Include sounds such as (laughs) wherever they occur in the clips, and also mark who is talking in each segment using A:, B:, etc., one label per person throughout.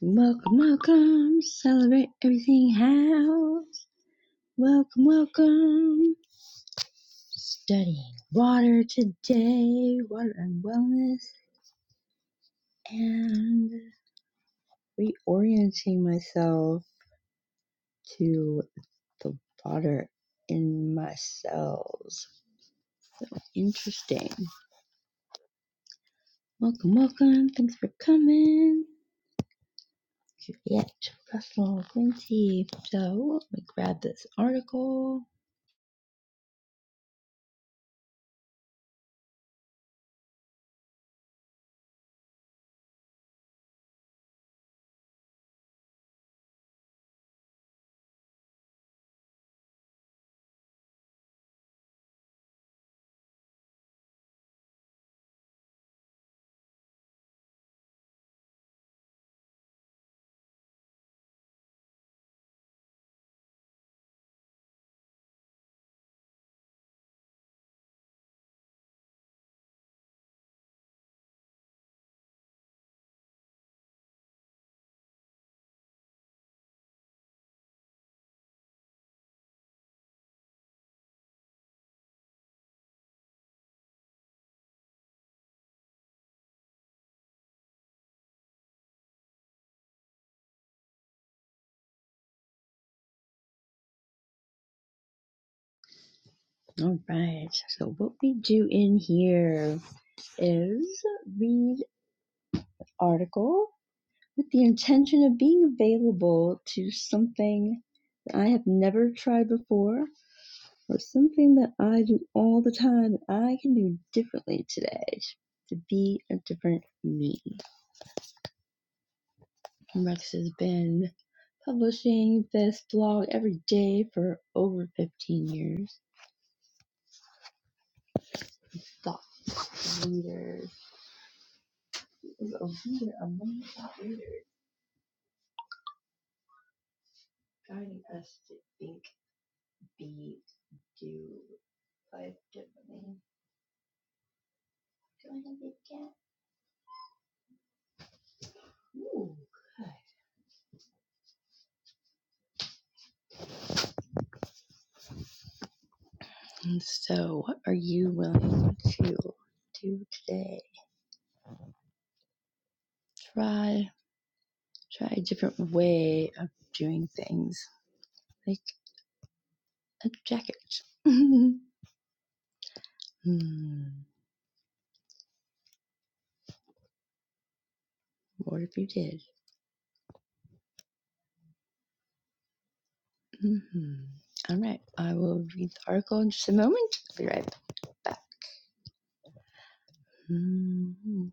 A: Welcome, welcome. Celebrate everything house. Welcome, welcome. Studying water today, water and wellness, and reorienting myself to the water in my cells. Interesting. Welcome, welcome. Thanks for coming. Juliet, Russell, Quincy. So, let me grab this article. All right. So what we do in here is read article with the intention of being available to something that I have never tried before or something that I do all the time that I can do differently today to be a different me. Rex has been publishing this blog every day for over 15 years. Thought leaders is a leader among thought leaders. guiding us to think, be, do life differently. Do I have a cat? Ooh, good. And so, what are you willing to do today? Try, try a different way of doing things, like a jacket. (laughs) hmm. What if you did? hmm All right, I will read the article in just a moment. I'll be right back. Mhm.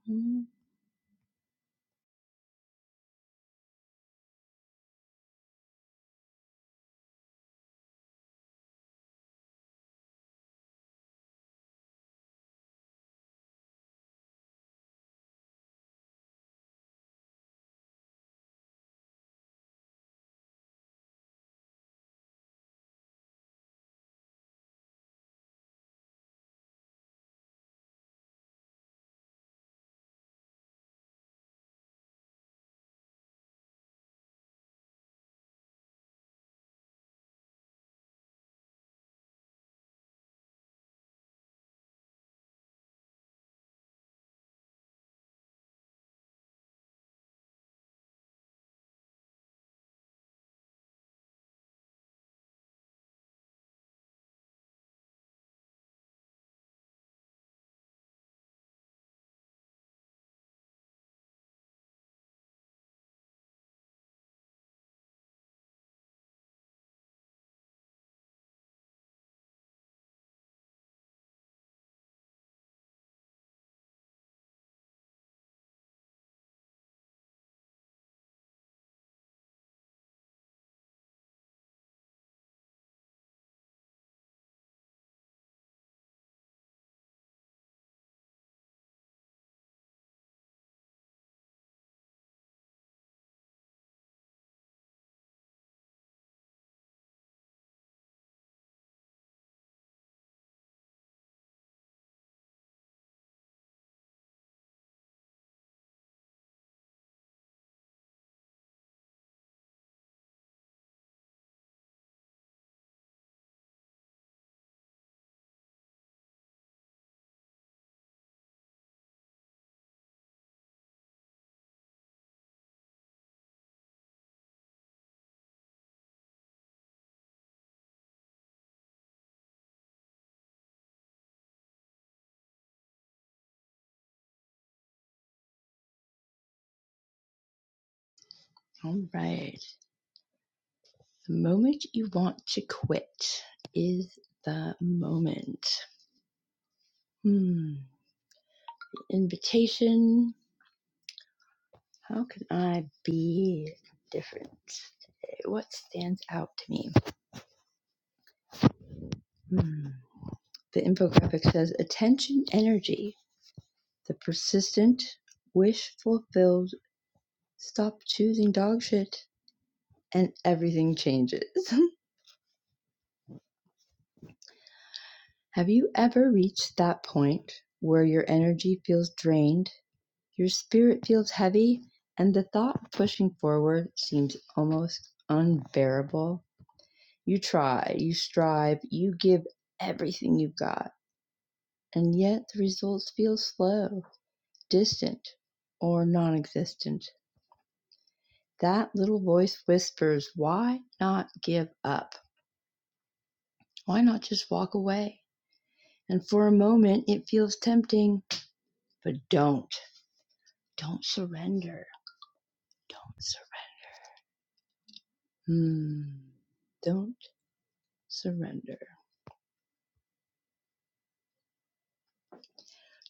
A: All right. The moment you want to quit is the moment. Hmm. Invitation. How can I be different? What stands out to me? Hmm. The infographic says attention energy. The persistent wish fulfilled. Stop choosing dog shit and everything changes. (laughs) Have you ever reached that point where your energy feels drained? Your spirit feels heavy, and the thought of pushing forward seems almost unbearable. You try, you strive, you give everything you've got, and yet the results feel slow, distant, or non existent. That little voice whispers, Why not give up? Why not just walk away? And for a moment, it feels tempting, but don't. Don't surrender. Don't Surrender. Hmm. Don't surrender.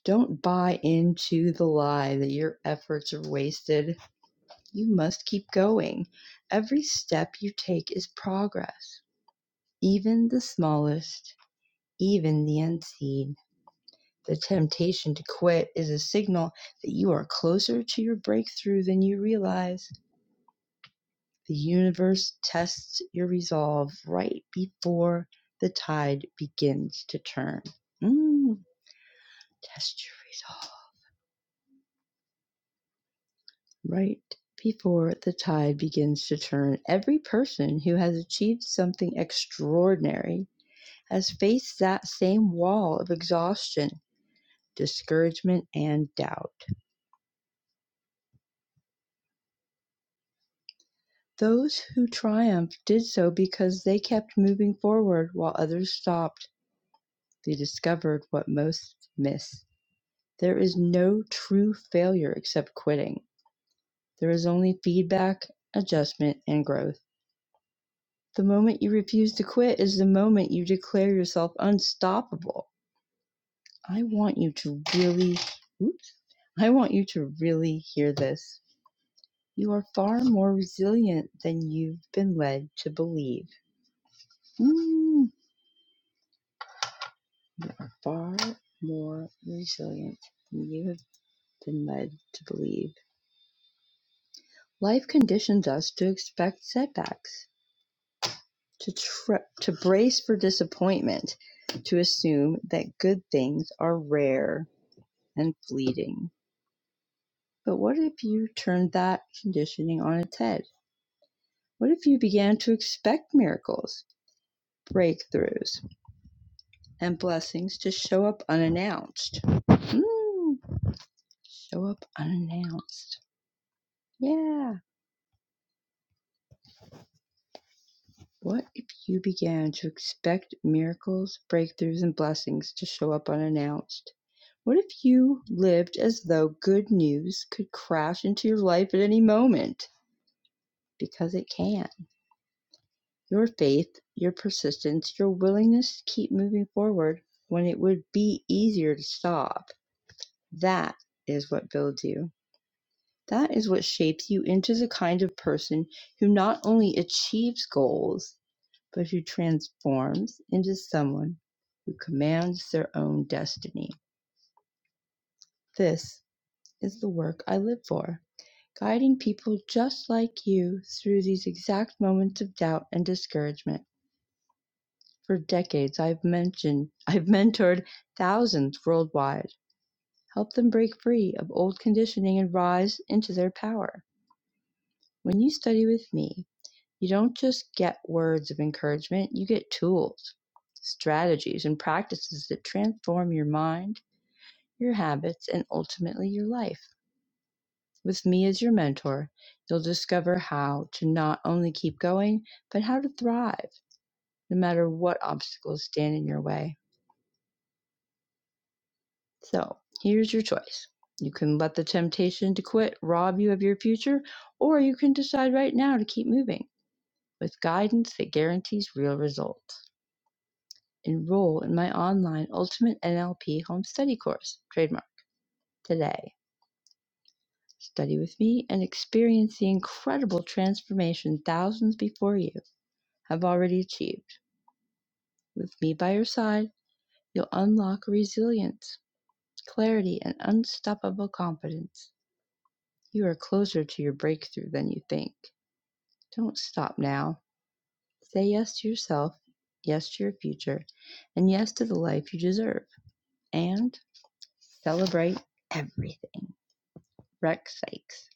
A: Don't buy into the lie that your efforts are wasted. You must keep going. Every step you take is progress, even the smallest, even the unseen. The temptation to quit is a signal that you are closer to your breakthrough than you realize. The universe tests your resolve right before the tide begins to turn. Mm, test your resolve. Right before the tide begins to turn, every person who has achieved something extraordinary has faced that same wall of exhaustion, discouragement, and doubt. Those who triumphed did so because they kept moving forward while others stopped. They discovered what most miss. There is no true failure except quitting. There is only feedback, adjustment, and growth. The moment you refuse to quit is the moment you declare yourself unstoppable. I want you to really, oops, I want you to really hear this. You are far more resilient than you've been led to believe. Mm, you are far more resilient than you have been led to believe. Life conditions us to expect setbacks, to, tr- to brace for disappointment, to assume that good things are rare and fleeting. But what if you turned that conditioning on its head? What if you began to expect miracles, breakthroughs, and blessings to show up unannounced? Mm, show up unannounced. Yeah. What if you began to expect miracles, breakthroughs, and blessings to show up unannounced? What if you lived as though good news could crash into your life at any moment? Because it can. Your faith, your persistence, your willingness to keep moving forward when it would be easier to stop. That is what builds you. That is what shapes you into the kind of person who not only achieves goals, but who transforms into someone who commands their own destiny. This is the work I live for, guiding people just like you through these exact moments of doubt and discouragement For decades, I've mentioned, (laughs) I've mentored thousands worldwide, helped them break free of old conditioning and rise into their power. When you study with me, you don't just get words of encouragement, you get tools, strategies, and practices that transform your mind, your habits, and ultimately your life. With me as your mentor, you'll discover how to not only keep going, but how to thrive, no matter what obstacles stand in your way. So here's your choice. You can let the temptation to quit rob you of your future, or you can decide right now to keep moving with guidance that guarantees real results. Enroll in my online Ultimate NLP Home Study course, trademark, today. Study with me and experience the incredible transformation thousands before you have already achieved. With me by your side, you'll unlock resilience, clarity, and unstoppable confidence. You are closer to your breakthrough than you think. Don't stop now. Say yes to yourself, yes to your future, and yes to the life you deserve. And celebrate everything. Rex Sykes.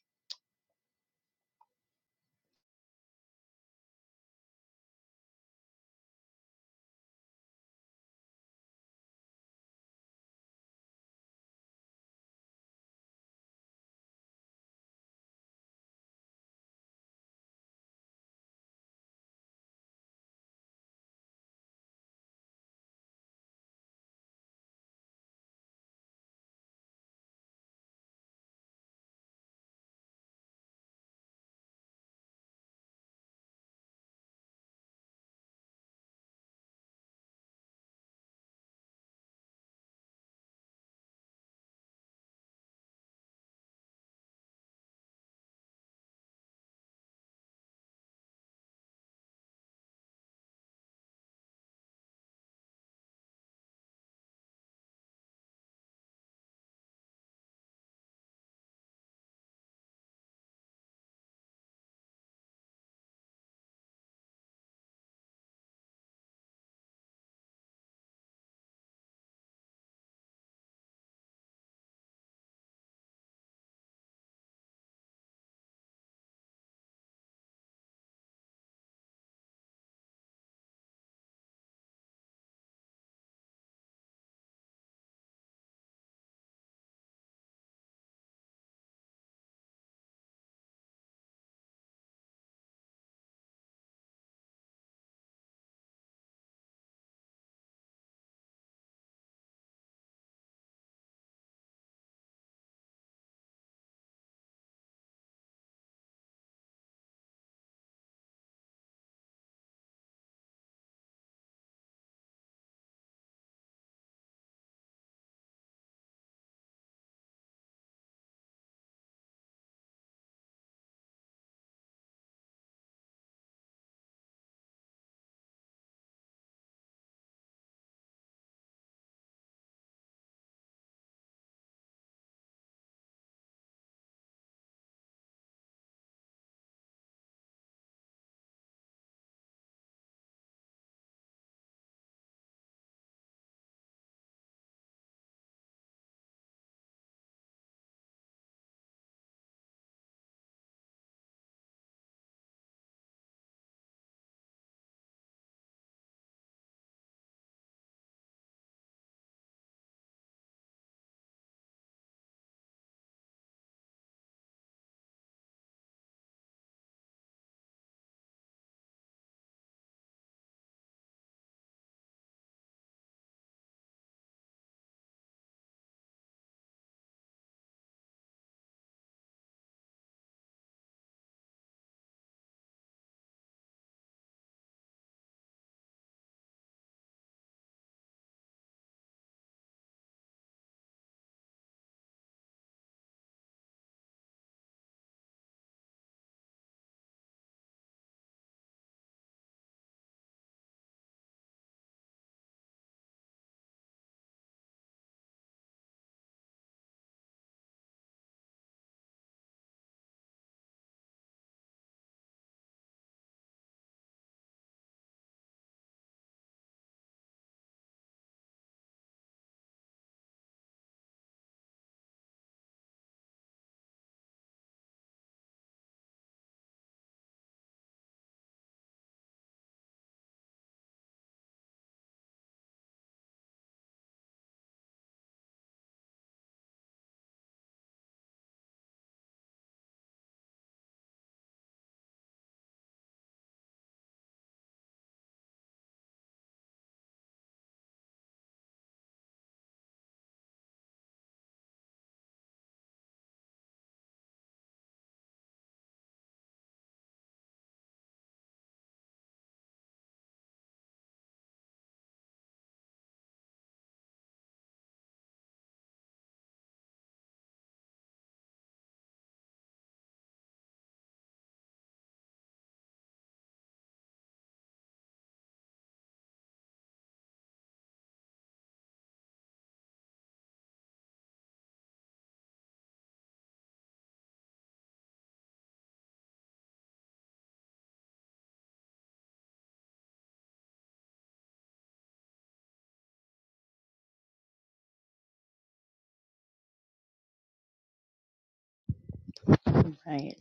A: All Right.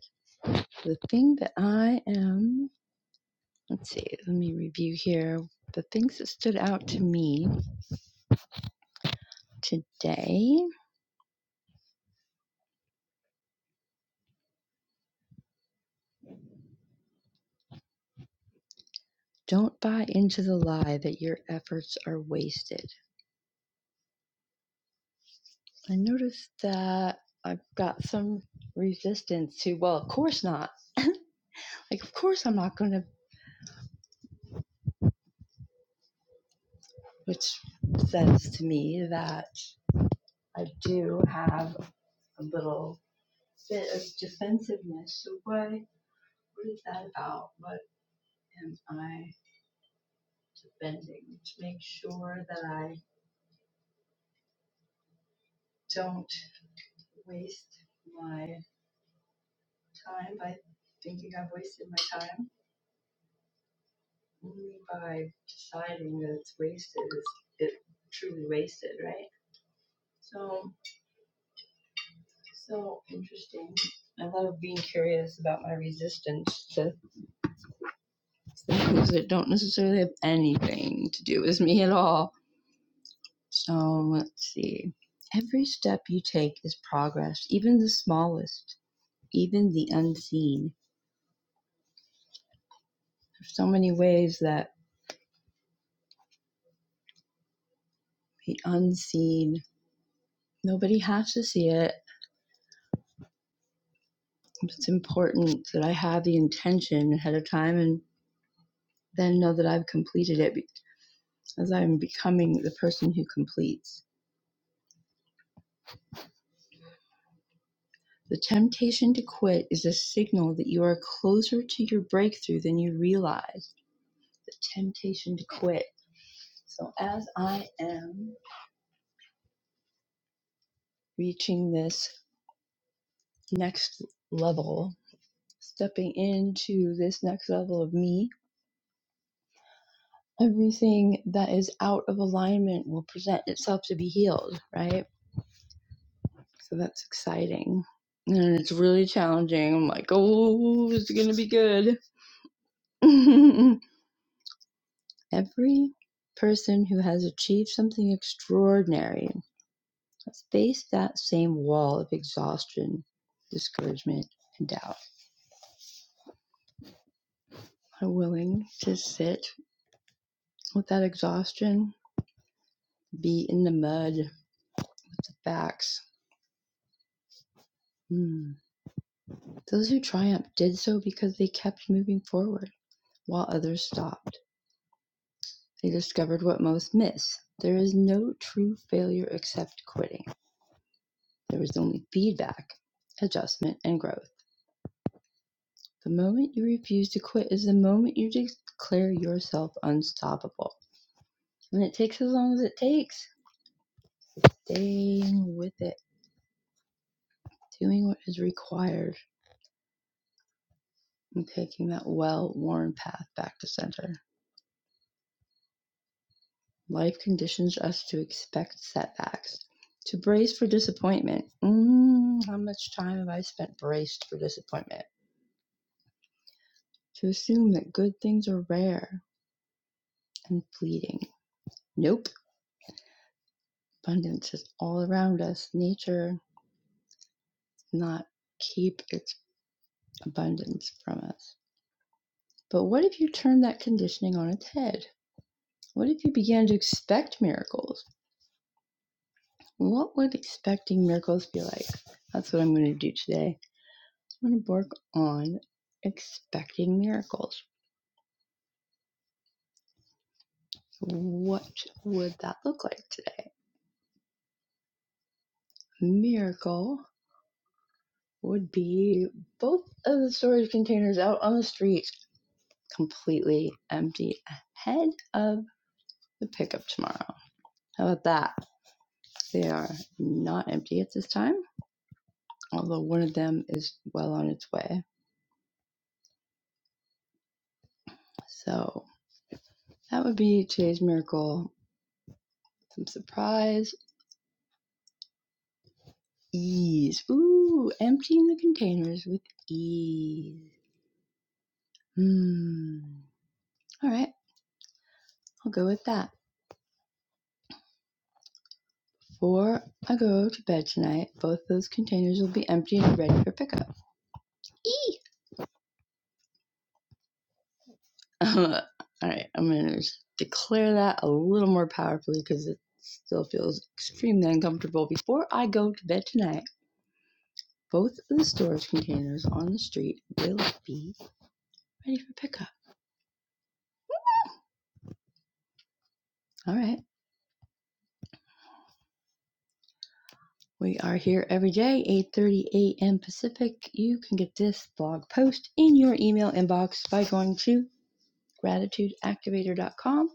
A: The thing that I am, let's see, let me review here. The things that stood out to me today don't buy into the lie that your efforts are wasted. I noticed that I've got some resistance to, well, of course not. Like, of course I'm not going to, which says to me that I do have a little bit of defensiveness. So, what, what is that about? What am I defending? To make sure that I don't waste my time by thinking I've wasted my time. Only by deciding that it's wasted is it truly wasted, right? So, so interesting. I love being curious about my resistance to things that don't necessarily have anything to do with me at all. So, let's see. Every step you take is progress, even the smallest, even the unseen. There's so many ways that the unseen, nobody has to see it. It's important that I have the intention ahead of time and then know that I've completed it as I'm becoming the person who completes. The temptation to quit is a signal that you are closer to your breakthrough than you realize. The temptation to quit. So, as I am reaching this next level, stepping into this next level of me, everything that is out of alignment will present itself to be healed, right? So, that's exciting. And it's really challenging. I'm like, oh, it's going to be good. (laughs) Every person who has achieved something extraordinary has faced that same wall of exhaustion, discouragement, and doubt. Are willing to sit with that exhaustion, be in the mud with the facts. Hmm. Those who triumphed did so because they kept moving forward while others stopped. They discovered what most miss. There is no true failure except quitting. There is only feedback, adjustment, and growth. The moment you refuse to quit is the moment you declare yourself unstoppable. And it takes as long as it takes, staying with it, doing what is required, and taking that well worn path back to center. Life conditions us to expect setbacks, to brace for disappointment. Mm, how much time have I spent braced for disappointment? To assume that good things are rare and fleeting. Nope. Abundance is all around us. Nature is not keep its abundance from us. But what if you turned that conditioning on its head? What if you began to expect miracles? What would expecting miracles be like? That's what I'm going to do today. I'm going to work on expecting miracles. What would that look like today? Miracle would be both of the storage containers out on the street completely empty ahead of the pickup tomorrow. How about that? They are not empty at this time. although one of them is well on its way. So that would be today's miracle. Some surprise ease. Ooh, emptying the containers with ease. Hmm. All right, I'll go with that. Before I go to bed tonight, both those containers will be empty and ready for pickup. Eee! (laughs) All right, I'm gonna declare that a little more powerfully because it still feels extremely uncomfortable before I go to bed tonight. both of the storage containers on the street will be ready for pickup. All right. We are here every day, 8:30 a.m. Pacific. You can get this blog post in your email inbox by going to gratitudeactivator.com.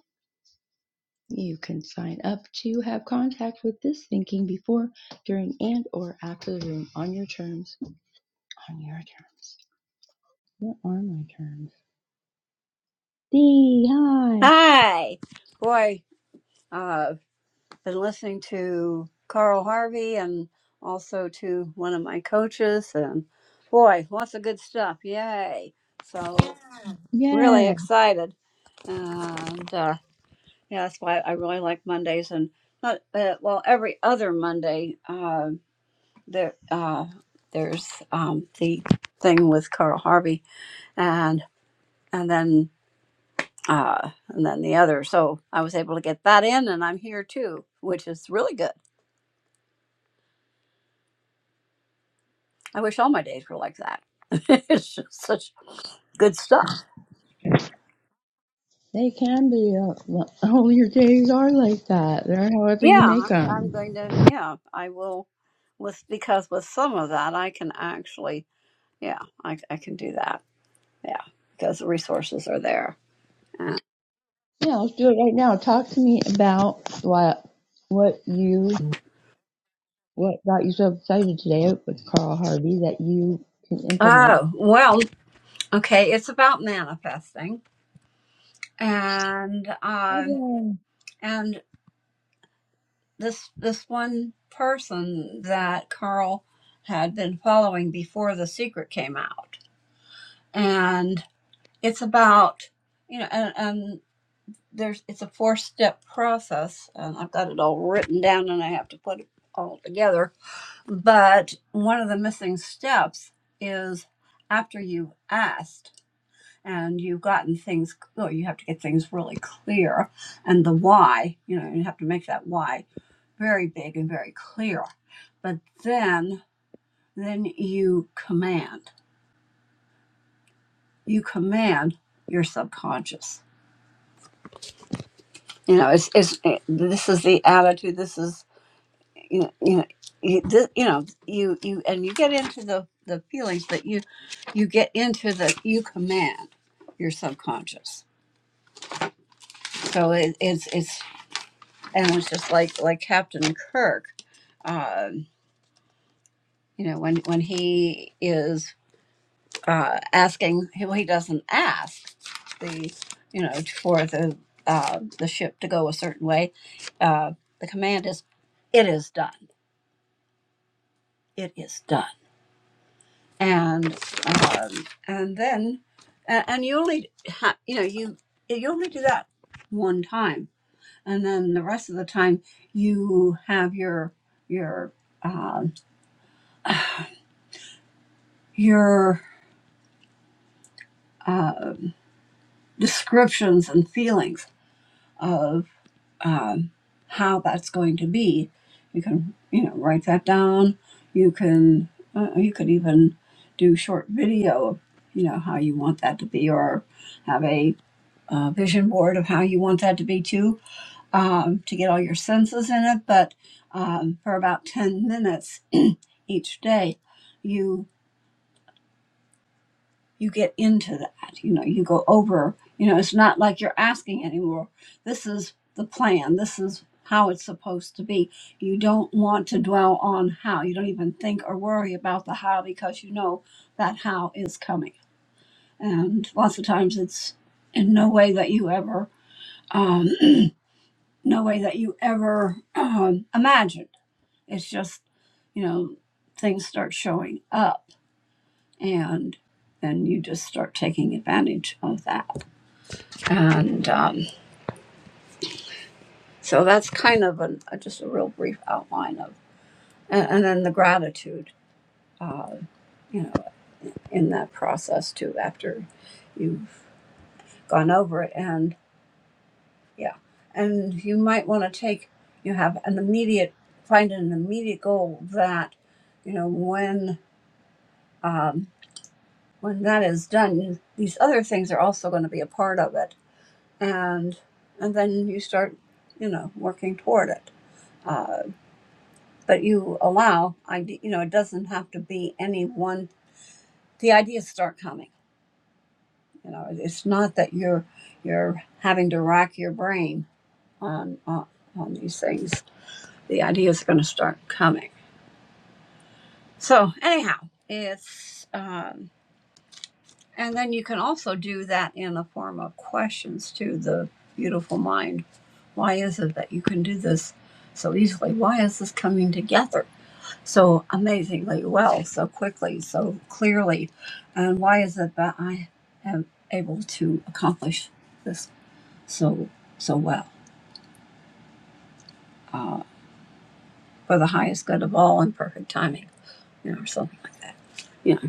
A: You can sign up to have contact with this thinking before, during, and or after the room on your terms. On your terms. What are my terms? D hi.
B: Hi. Boy, uh, been listening to Carl Harvey and also to one of my coaches, and boy, lots of good stuff. Yay. So,
A: Yes.
B: really excited. And uh, yeah, that's why I really like Mondays and not, uh, well, every other Monday, uh, there, uh, there's um, the thing with Carl Harvey and and then uh, and then the other. So I was able to get that in, and I'm here too, which is really good. I wish all my days were like that. (laughs) it's just such good stuff.
A: They can be. Uh, all (laughs) your days are like that. They're however you
B: Yeah,
A: make
B: I'm, I'm going
A: them.
B: to. Yeah, I will. With because with some of that, I can actually. Yeah, I, I can do that. Yeah, because the resources are there. Yeah.
A: Yeah, let's do it right now. Talk to me about what what you what got you so excited today with Carl Harvey that you can implement.
B: Oh well, okay. It's about manifesting, and um,
A: Okay.
B: and. this this one person that Carl had been following before the secret came out, and it's about you know, and, and there's it's a four step process, and I've got it all written down, and I have to put it all together. But one of the missing steps is after you've asked and you've gotten things Oh, you have to get things really clear and the why you know you have to make that why very big and very clear but then then you command you command your subconscious you know it's, it's it, this is the attitude this is you know you know you, this, you know you you and you get into the the feelings but you you get into the you command your subconscious so it, it's it's and it was just like like Captain Kirk, um, you know, when when he is uh, asking, well, he doesn't ask the you know for the uh, the ship to go a certain way. Uh, the command is, "It is done. It is done." And um, and then and, and you only ha- you know you you only do that one time, and then the rest of the time you have your your um, your uh, descriptions and feelings of um, how that's going to be. You can, you know, write that down. You can, uh, you could even do short video of, you know, how you want that to be, or have a uh, vision board of how you want that to be too, um, to get all your senses in it. But um, for about ten minutes (clears throat) each day, you. you get into that you know you go over you know it's not like you're asking anymore this is the plan this is how it's supposed to be you don't want to dwell on how you don't even think or worry about the how because you know that how is coming and lots of times it's in no way that you ever um (clears throat) no way that you ever um imagined it's just you know things start showing up and and you just start taking advantage of that and um, so that's kind of an, uh, just a real brief outline of and, and then the gratitude uh, you know in that process too after you've gone over it and yeah and you might want to take you have an immediate find an immediate goal that you know when um, when that is done these other things are also going to be a part of it and and then you start you know working toward it Uh, but you allow i you know it doesn't have to be any one the ideas start coming you know it's not that you're you're having to rack your brain on on, on these things the ideas are going to start coming so anyhow it's um and then you can also do that in the form of questions to the beautiful mind why is it that you can do this so easily why is this coming together so amazingly well, so quickly, so clearly? And why is it that I am able to accomplish this so so well uh, for the highest good of all and perfect timing, you know, or something like that. You know.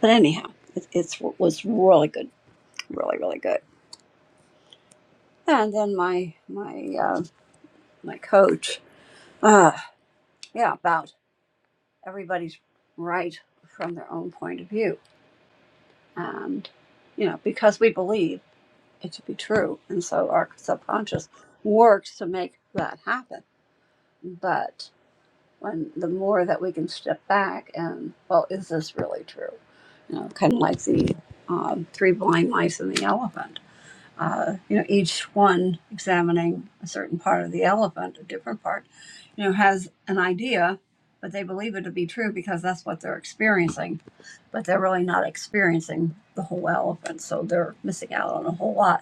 B: But anyhow, it it's, was really good, really really good. And then my my uh, my coach, uh, yeah, about everybody's right from their own point of view, and you know, because we believe. it to be true. And so our subconscious works to make that happen. But when the more that we can step back and, well, is this really true? You know, kind of like the um, three blind mice and the elephant uh, you know, each one examining a certain part of the elephant, a different part, you know, has an idea, but they believe it to be true because that's what they're experiencing. But they're really not experiencing the whole elephant, so they're missing out on a whole lot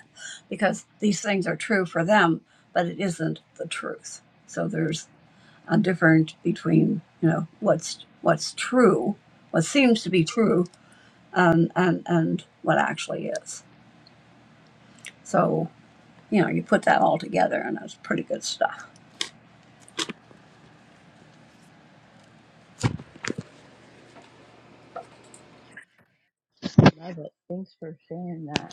B: because these things are true for them, but it isn't the truth. So there's a difference between, you know, what's what's true, what seems to be true, um, and and what actually is. So you know, you put that all together and that's pretty good stuff.
A: Love it. Thanks for sharing that.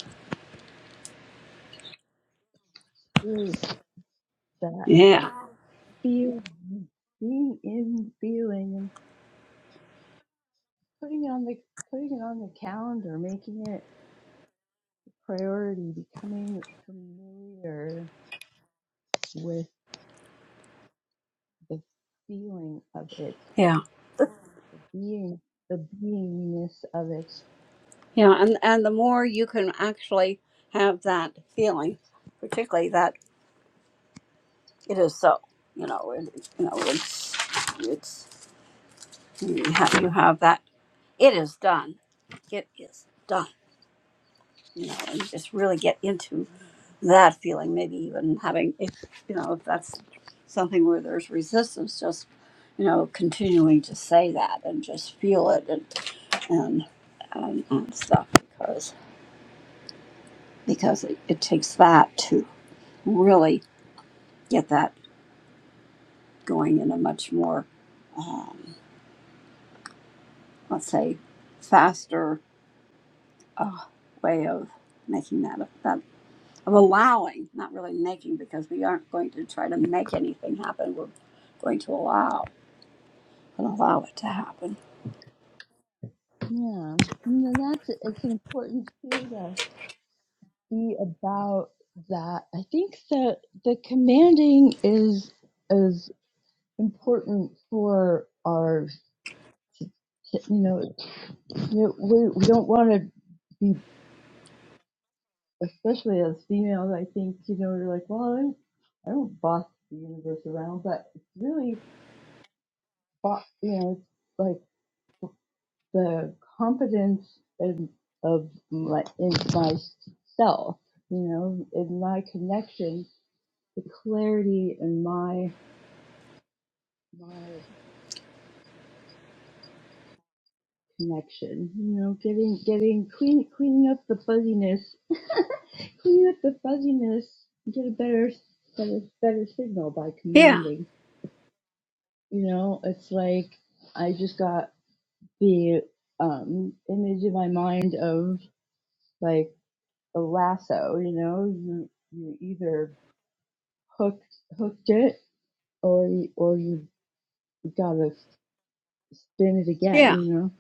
A: Really, that
B: Yeah.
A: feel being in feeling and putting on the putting it on the calendar, making it a priority, becoming familiar with. the feeling of it,
B: Yeah.
A: being the beingness of it.
B: Yeah. And, and the more you can actually have that feeling, particularly that it is so, you know, it, you know, it's, it's, you have, you have that, it is done. It is done, you know, and just really get into
A: Yeah,
B: that feeling, maybe even having, if, you know, if that's something where there's resistance, just, you know, continuing to say that and just feel it and. and, and, and stuff because because it, it takes that to really get that going in a much more um, let's say faster uh, way of making that of that of allowing not really making because we aren't going to try to make anything happen we're going to allow and allow it to happen
A: Yeah, and then that's it's important too to be about that. I think the the commanding is is important for our you know, you know we we don't want to. be. especially as females, I think, you know, you're like, well, I'm, I don't boss the universe around, but it's really, bo- you know, it's like the confidence in, of my, in myself, you know, in my connection, the clarity in my, my connection, you know, getting, getting, clean, cleaning up the fuzziness, (laughs) cleaning up the fuzziness, get a better, better, better signal by
B: yeah
A: commanding. You know, it's like I just got the um, image in my mind of like a lasso. You know, you you either hooked hooked it or you- or you gotta spin it again.
B: yeah
A: You know,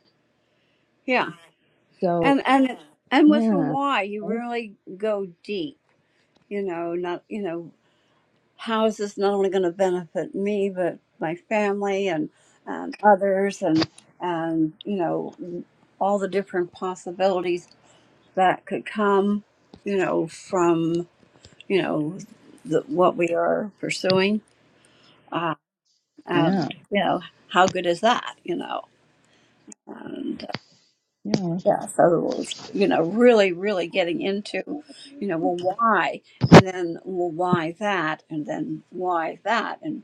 B: yeah
A: so
B: and and and with the
A: yeah,
B: why you
A: that's-
B: really go deep you know not you know how is this not only going to benefit me but my family and and others and and you know all the different possibilities that could come you know from you know the, what we are pursuing uh,
A: yeah,
B: and you know how good is that you know
A: yeah.
B: Yeah, so it was, you know, really, really getting into, you know, well, why, and then well, why that, and then why that, and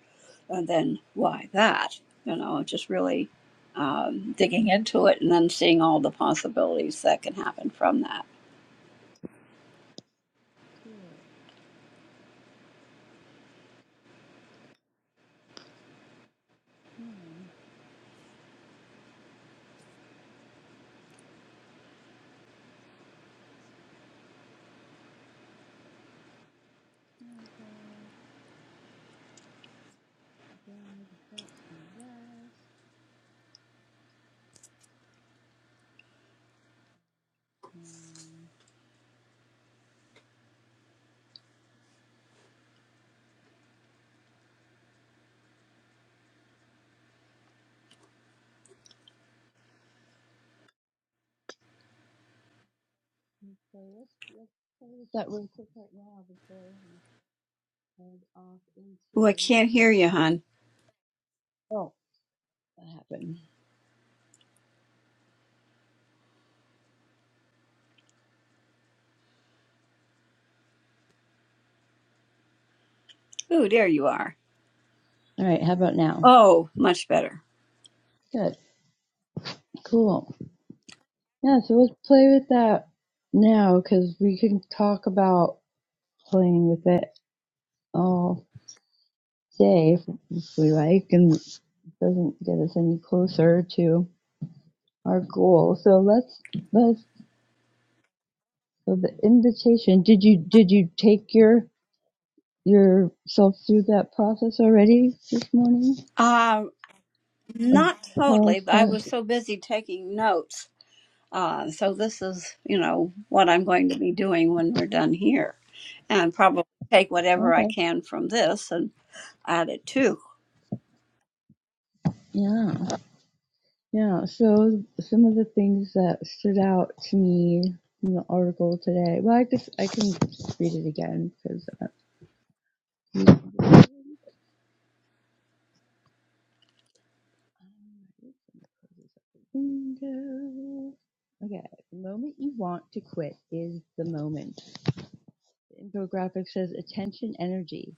B: and then why that, you know, just really um, digging into it, and then seeing all the possibilities that can happen from that.
A: Cool. Yeah, night, Paul. I'm glad you got some rest. Um, so let's let's play with that real quick right now before we and off
B: Oh, I
A: into.
B: can't hear you, hon.
A: Oh, that happened.
B: Oh, there you are.
A: All right, how about now?
B: Oh, much better.
A: Good, cool. Yeah, so let's play with that now because we can talk about playing with it all day if, if we like, and it doesn't get us any closer to our goal. So let's let's. So the invitation. Did you did you take your yourself through that process already this morning?
B: Uh,
A: Of
B: not totally,
A: Carl's
B: but I was
A: process.
B: so busy taking notes Uh, so this is, you know, what I'm going to be doing when we're done here, and probably take whatever I
A: Okay.
B: can from this and add it too. (laughs)
A: Yeah. Yeah, so some of the things that stood out to me in the article today. Well, I just I can read it again because. Uh, okay, the moment you want to quit is the moment. The infographic says attention, energy,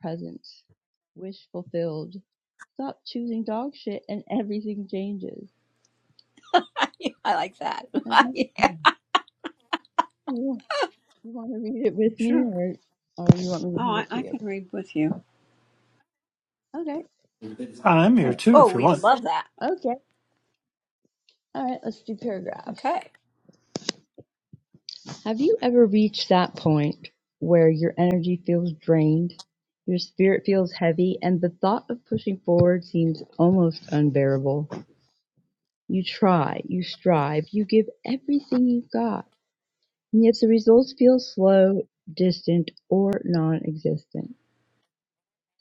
A: presence, wish fulfilled. Stop choosing dog shit and everything changes.
B: Yeah, I like that.
A: Have you, you want to read it
B: (laughs)
A: with me,
B: sure.
A: or or you want me
B: Oh,
A: to read
B: I,
A: it
B: I
A: to you?
B: can read with you.
A: Okay.
C: I'm here
A: All
C: too,
B: Oh,
C: if you
B: we would
C: want.
B: love that.
A: right. Okay. All right. Let's do paragraphs.
B: Okay.
A: Have you ever reached that point where your energy feels drained, your spirit feels heavy, and the thought of pushing forward seems almost unbearable? You try, you strive, you give everything you've got, and yet the results feel slow, distant, or non existent.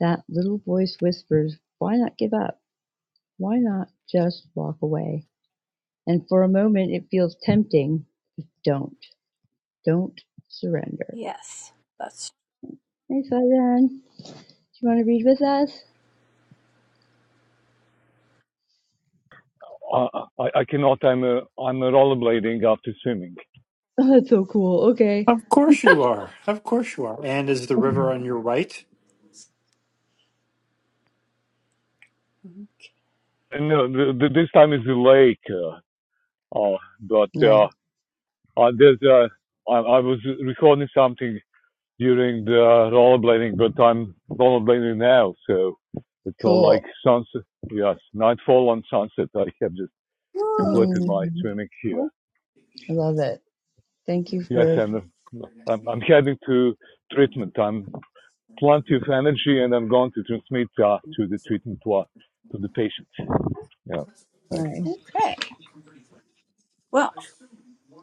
A: That little voice whispers, Why not give up? Why not just walk away? And for a moment, it feels tempting. but Don't. Don't surrender.
B: Yes, that's.
A: Hey, Faizan. Do you want to read with us?
D: I, I, cannot. I'm uh, I'm a rollerblading after swimming.
A: Oh, that's so cool. Okay.
C: Of course you are. Of course you are. And is the river on your right?
D: And uh, the, the, this time is the lake, uh, uh, but
A: Nice.
D: uh, uh, there's uh, I, I was recording something during the rollerblading, but I'm rollerblading now, so it's all like
A: Cool.
D: sunset. Yes, nightfall on sunset. I have just
B: Whoa.
D: completed my
A: Mm,
D: swimming here.
B: O-
A: I love it. Thank you
D: Yes,
A: for
D: and uh, I'm, I'm heading to treatment. I'm plenty of energy, and I'm going to transmit uh, to the treatment wa- to the patient. Yeah. Thank you.
A: nice.
B: Okay. Well,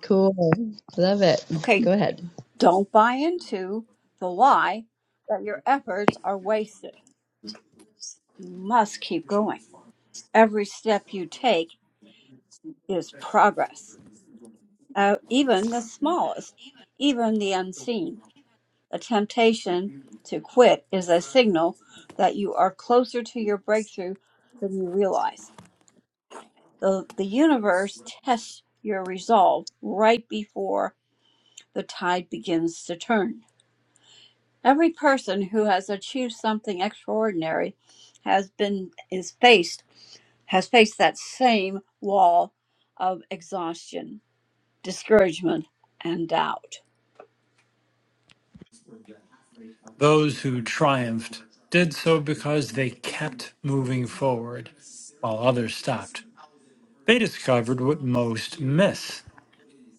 A: Cool. Love it.
B: okay.
A: Go ahead.
B: Don't buy into the lie that your efforts are wasted. You must keep going. Every step you take is progress uh, even the smallest, even the unseen. The temptation to quit is a signal that you are closer to your breakthrough than you realize. The, the universe tests your resolve right before the tide begins to turn. Every person who has achieved something extraordinary has been is faced has faced that same wall of exhaustion, discouragement, and doubt.
C: Those who triumphed did so because they kept moving forward while others stopped. They discovered what most miss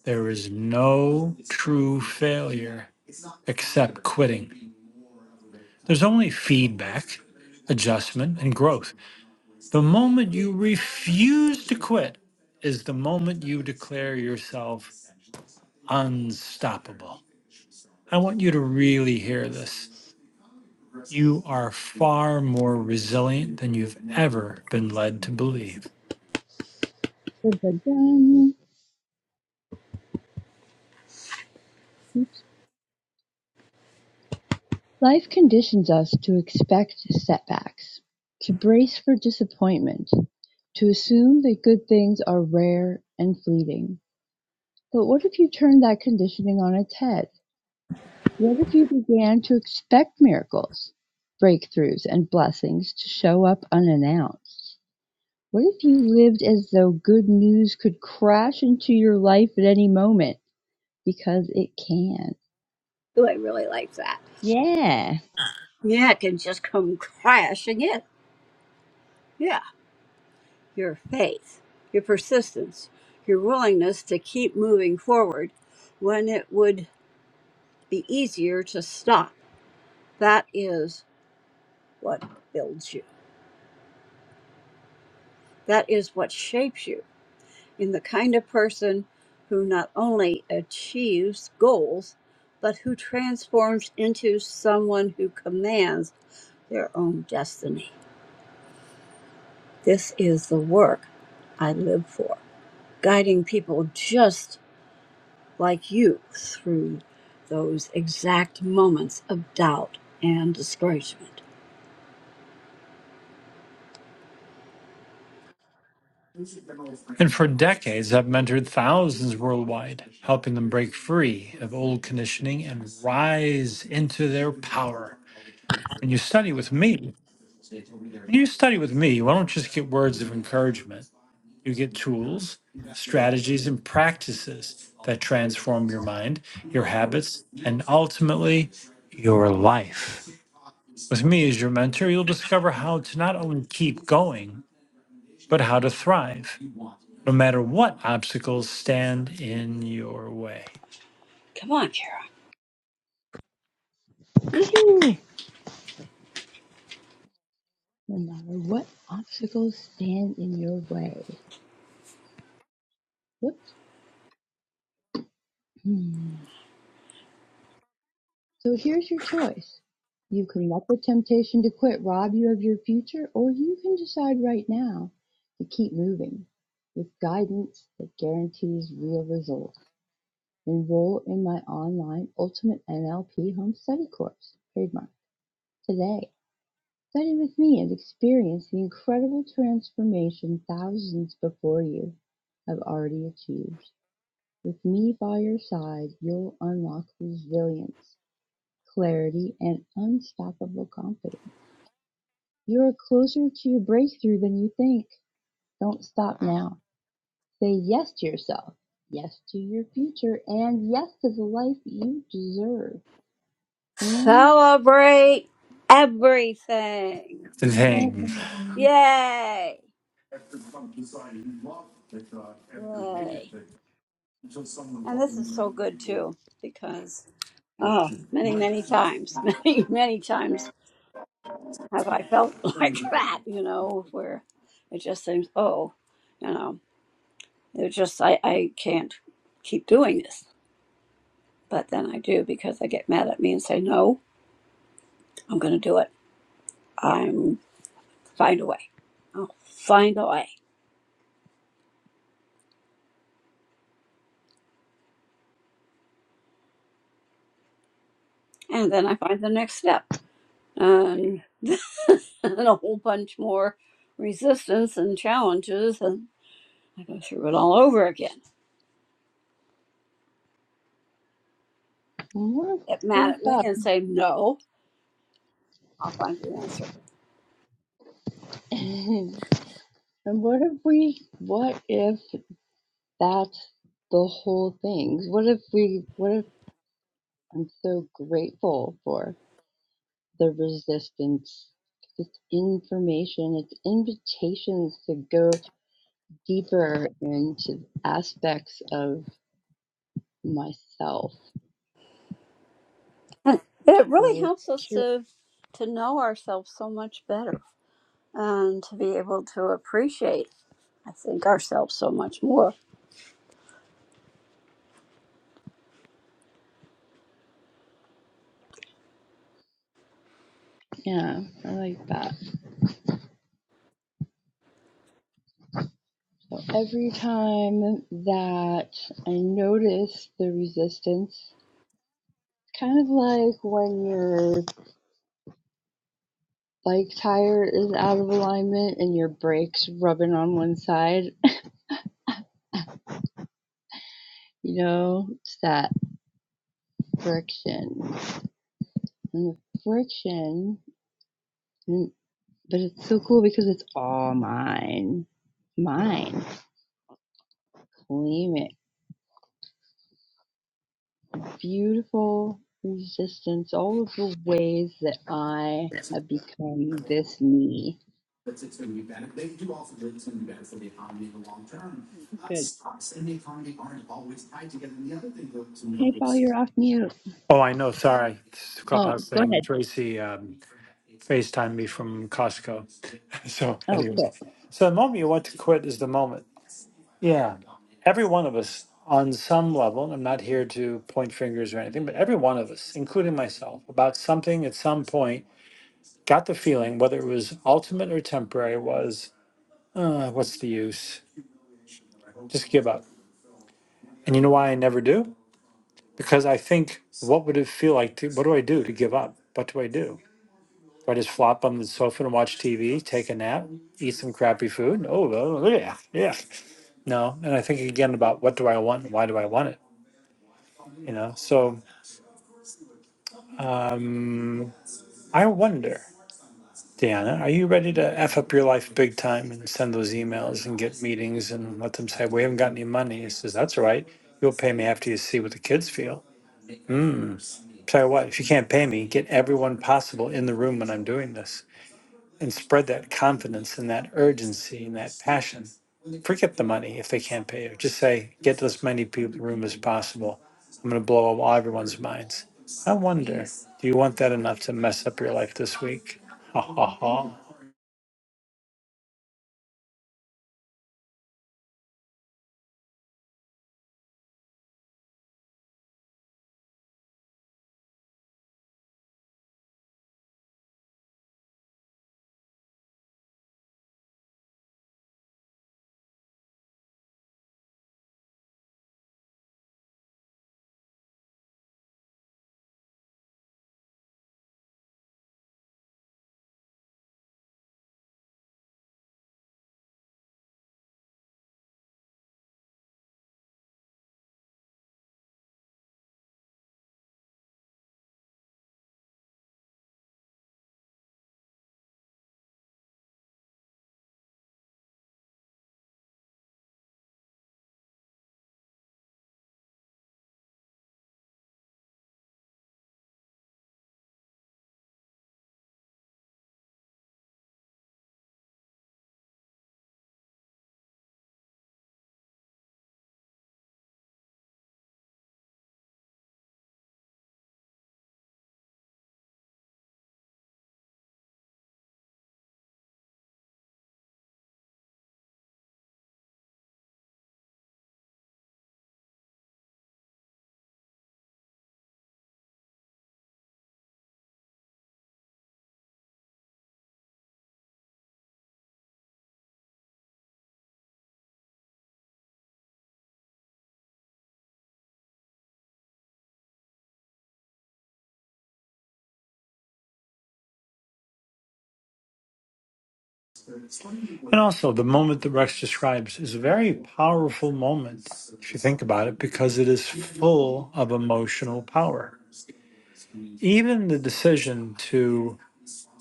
C: there is no true failure except quitting. There's only feedback, adjustment, and growth. The moment you refuse to quit is the moment you declare yourself unstoppable. I want you to really hear this. You are far more resilient than you've ever been led to believe.
A: Oops. Life conditions us to expect setbacks, to brace for disappointment, to assume that good things are rare and fleeting. But what if you turn that conditioning on its head? What if you began to expect miracles, breakthroughs, and blessings to show up unannounced? What if you lived as though good news could crash into your life at any moment? Because it can.
B: Ooh, I really like that.
A: Yeah.
B: Yeah, it can just come (laughs) crashing in. Yeah, your faith, your persistence, your willingness to keep moving forward when it would be easier to stop. That is what builds you. That is what shapes you in the kind of person who not only achieves goals, but who transforms into someone who commands their own destiny. This is the work I live for. guiding people just like you through those exact moments of doubt and discouragement.
C: And for decades, I've mentored thousands worldwide, helping them break free of old conditioning and rise into their power. When you study with me, when you study with me, you don't just get words of encouragement. You get tools, strategies, and practices that transform your mind, your habits, and ultimately your life. With me as your mentor, you'll discover how to not only keep going, but how to thrive, no matter what obstacles stand in your way.
B: Come on, Carol.
A: Woohoo! No matter what obstacles stand in your way. Whoops. Hmm. So here's your choice. You can let the temptation to quit rob you of your future, or you can decide right now to keep moving with guidance that guarantees real results. Enroll in my online Ultimate NLP Home Study course, trademark, today. Study with me and experience the incredible transformation thousands before you have already achieved. With me by your side, you'll unlock resilience clarity, and unstoppable confidence. You're closer to your breakthrough than you think. Don't stop now. Say yes to yourself, yes to your future, and yes to the life you deserve. And
B: Celebrate everything.
C: The thing.
A: um,
B: Yay. Yay. And this is so good too, because oh, many, many times, (laughs) many, many times have I felt (laughs) like that, you know, where it just seems, oh, you know, it just I, I can't keep doing this But then I do because I get mad at me and say, no, I'm going to do it. I'm find a way. I'll find a way. And then I find the next step and, (laughs) and a whole bunch more resistance and challenges. And I go through it all over again.
A: what,
B: Get
A: what
B: mad at me
A: about,
B: and say, no, I'll find the answer.
A: (laughs) and what if we, what if that's the whole thing? What if we, what if I'm so grateful for? the resistance. It's information, it's invitations to go deeper into aspects of myself.
B: (laughs) And it really
A: So,
B: helps us to, to know ourselves so much better and to be able to appreciate, I think, ourselves so much more
A: yeah, I like that. So every time that I notice the resistance, kind of like when your bike tire is out of alignment and your brakes rubbing on one side, you know, it's that friction. And the friction. But it's so cool because it's all mine. Mine. Claim it. Beautiful resistance, all of the ways that I have become this me. Good. Hey, Paul, you're off mute.
C: Oh, I know. Sorry. This
A: Oh,
C: clubhouse
A: go
C: thing.
A: ahead.
C: Tracy um, FaceTimed me from Costco. (laughs) So,
A: Oh,
C: anyway.
A: cool.
C: So, the moment you want to quit is the moment. Yeah. Every one of us, on some level, and I'm not here to point fingers or anything, but every one of us, including myself, about something at some point Got the feeling, whether it was ultimate or temporary, was uh, what's the use? Just give up. And you know why I never do? Because I think, what would it feel like? To, what do I do to give up? What do I do? Do I just flop on the sofa and watch TV, take a nap, eat some crappy food? Oh, well, yeah, yeah. No. And I think again about what do I want? Why do I want it? You know, so um, I wonder. Deanna, are you ready to F up your life big time and send those emails and get meetings and let them say, we haven't got any money? He says, that's all right. You'll pay me after you see what the kids feel. Mm. Tell you what, if you can't pay me, get everyone possible in the room when I'm doing this and spread that confidence and that urgency and that passion. Forget the money if they can't pay you. Just say, get as many people in the room as possible. I'm going to blow up all everyone's minds. I wonder, do you want that enough to mess up your life this week? Ha ha ha. And also, the moment that Rex describes is a very powerful moment, if you think about it, because it is full of emotional power. Even the decision to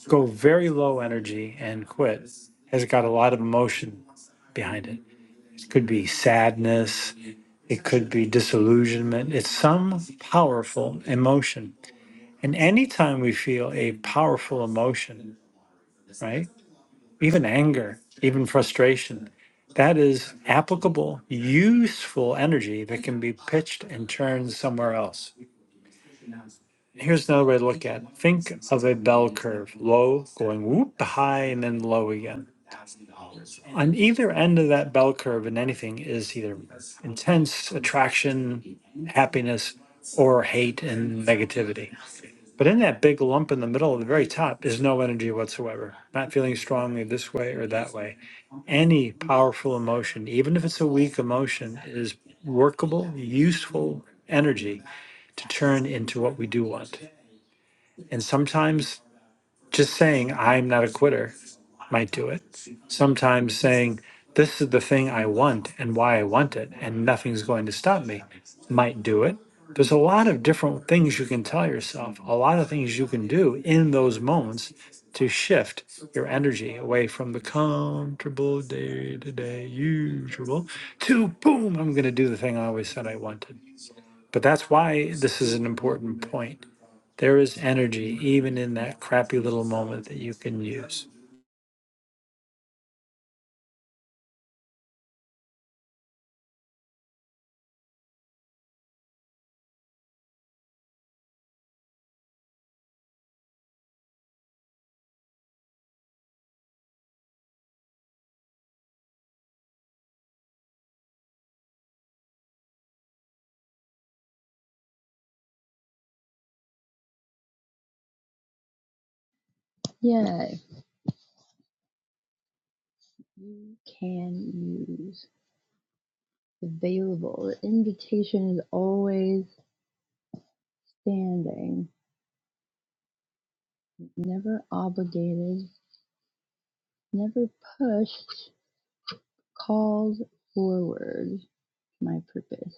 C: go very low energy and quit has got a lot of emotion behind it. It could be sadness, it could be disillusionment. It's some powerful emotion. And anytime we feel a powerful emotion, right? even anger, even frustration. That is applicable, useful energy that can be pitched and turned somewhere else. Here's another way to look at it. Think of a bell curve, low, going whoop high, and then low again on either end of that bell curve in anything is either intense attraction, happiness, or hate and negativity. But in that big lump in the middle of the very top is no energy whatsoever, not feeling strongly this way or that way. Any powerful emotion, even if it's a weak emotion, is workable, useful energy to turn into what we do want. And sometimes just saying I'm not a quitter might do it. Sometimes saying this is the thing I want and why I want it and nothing's going to stop me might do it. There's a lot of different things you can tell yourself, a lot of things you can do in those moments to shift your energy away from the comfortable day to day usual to boom, I'm going to do the thing I always said I wanted. But that's why this is an important point. There is energy even in that crappy little moment that you can use.
A: Yeah. You can use available. The invitation is always standing, never obligated, never pushed, called forward my purpose.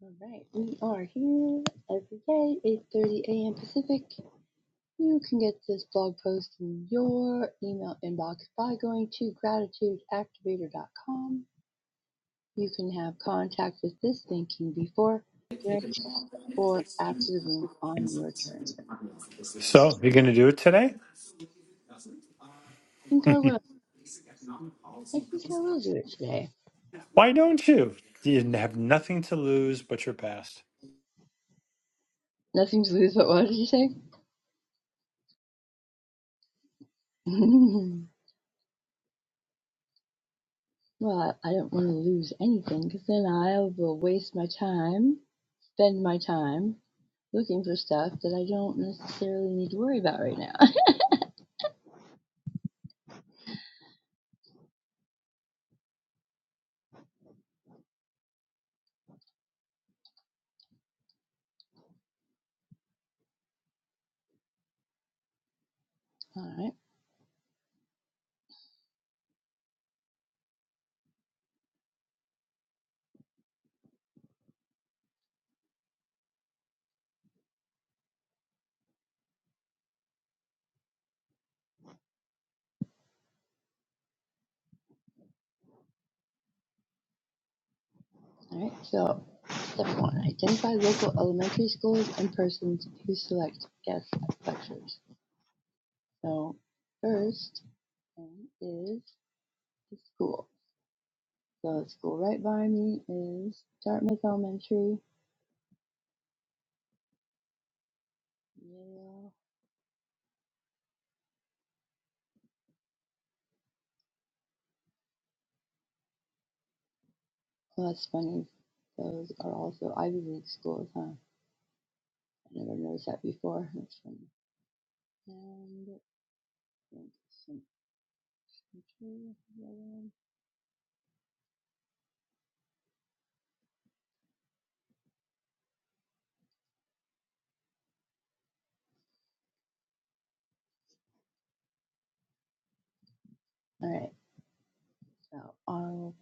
A: All right, we are here every day, 8:30 a.m. Pacific. You can get this blog post in your email inbox by going to gratitudeactivator.com. You can have contact with this thinking before, during, or after the room on your turn. I
C: So, you're going to do it today?
A: think I will. I think I will do it today.
C: Why don't you? You have nothing to lose but your past.
A: Nothing to lose, but what did you say? (laughs) well, I I don't want to lose anything because then I will waste my time. spend my time looking for stuff that I don't necessarily need to worry about right now. (laughs) all right, all right. So, step one identify local elementary schools and persons who select guest lectures. So, first one is the school. So, the school right by me is Dartmouth Elementary. Yeah. Oh, that's funny. Those are also Ivy League schools, huh? I never noticed that before. That's funny. And some All right, so I'll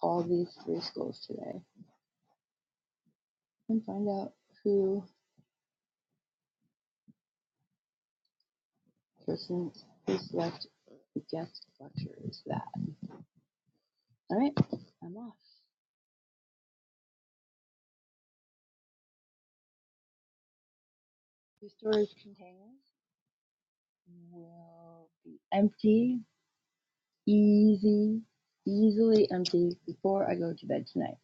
A: call these three schools today and find out who person who's left the guest lecture is that. All right, I'm off. The storage containers will be empty, easy, easily empty before I go to bed tonight.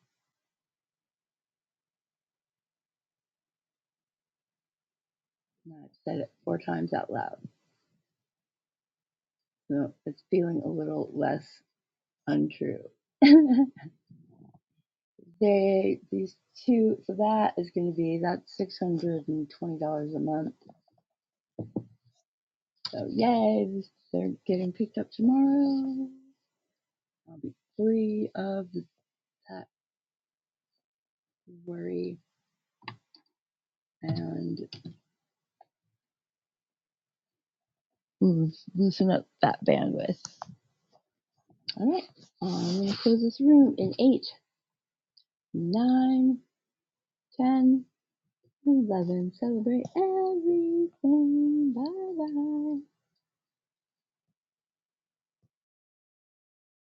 A: Now I've said it four times out loud, so it's feeling a little less untrue. (laughs) They these two so that is going to be that's six hundred and twenty dollars a month. So yay, this, they're getting picked up tomorrow. I'll be free of that worry and loo- loosen up that bandwidth. All right, I'm going to close this room in eight, nine, ten, eleven. Celebrate everything. Bye bye.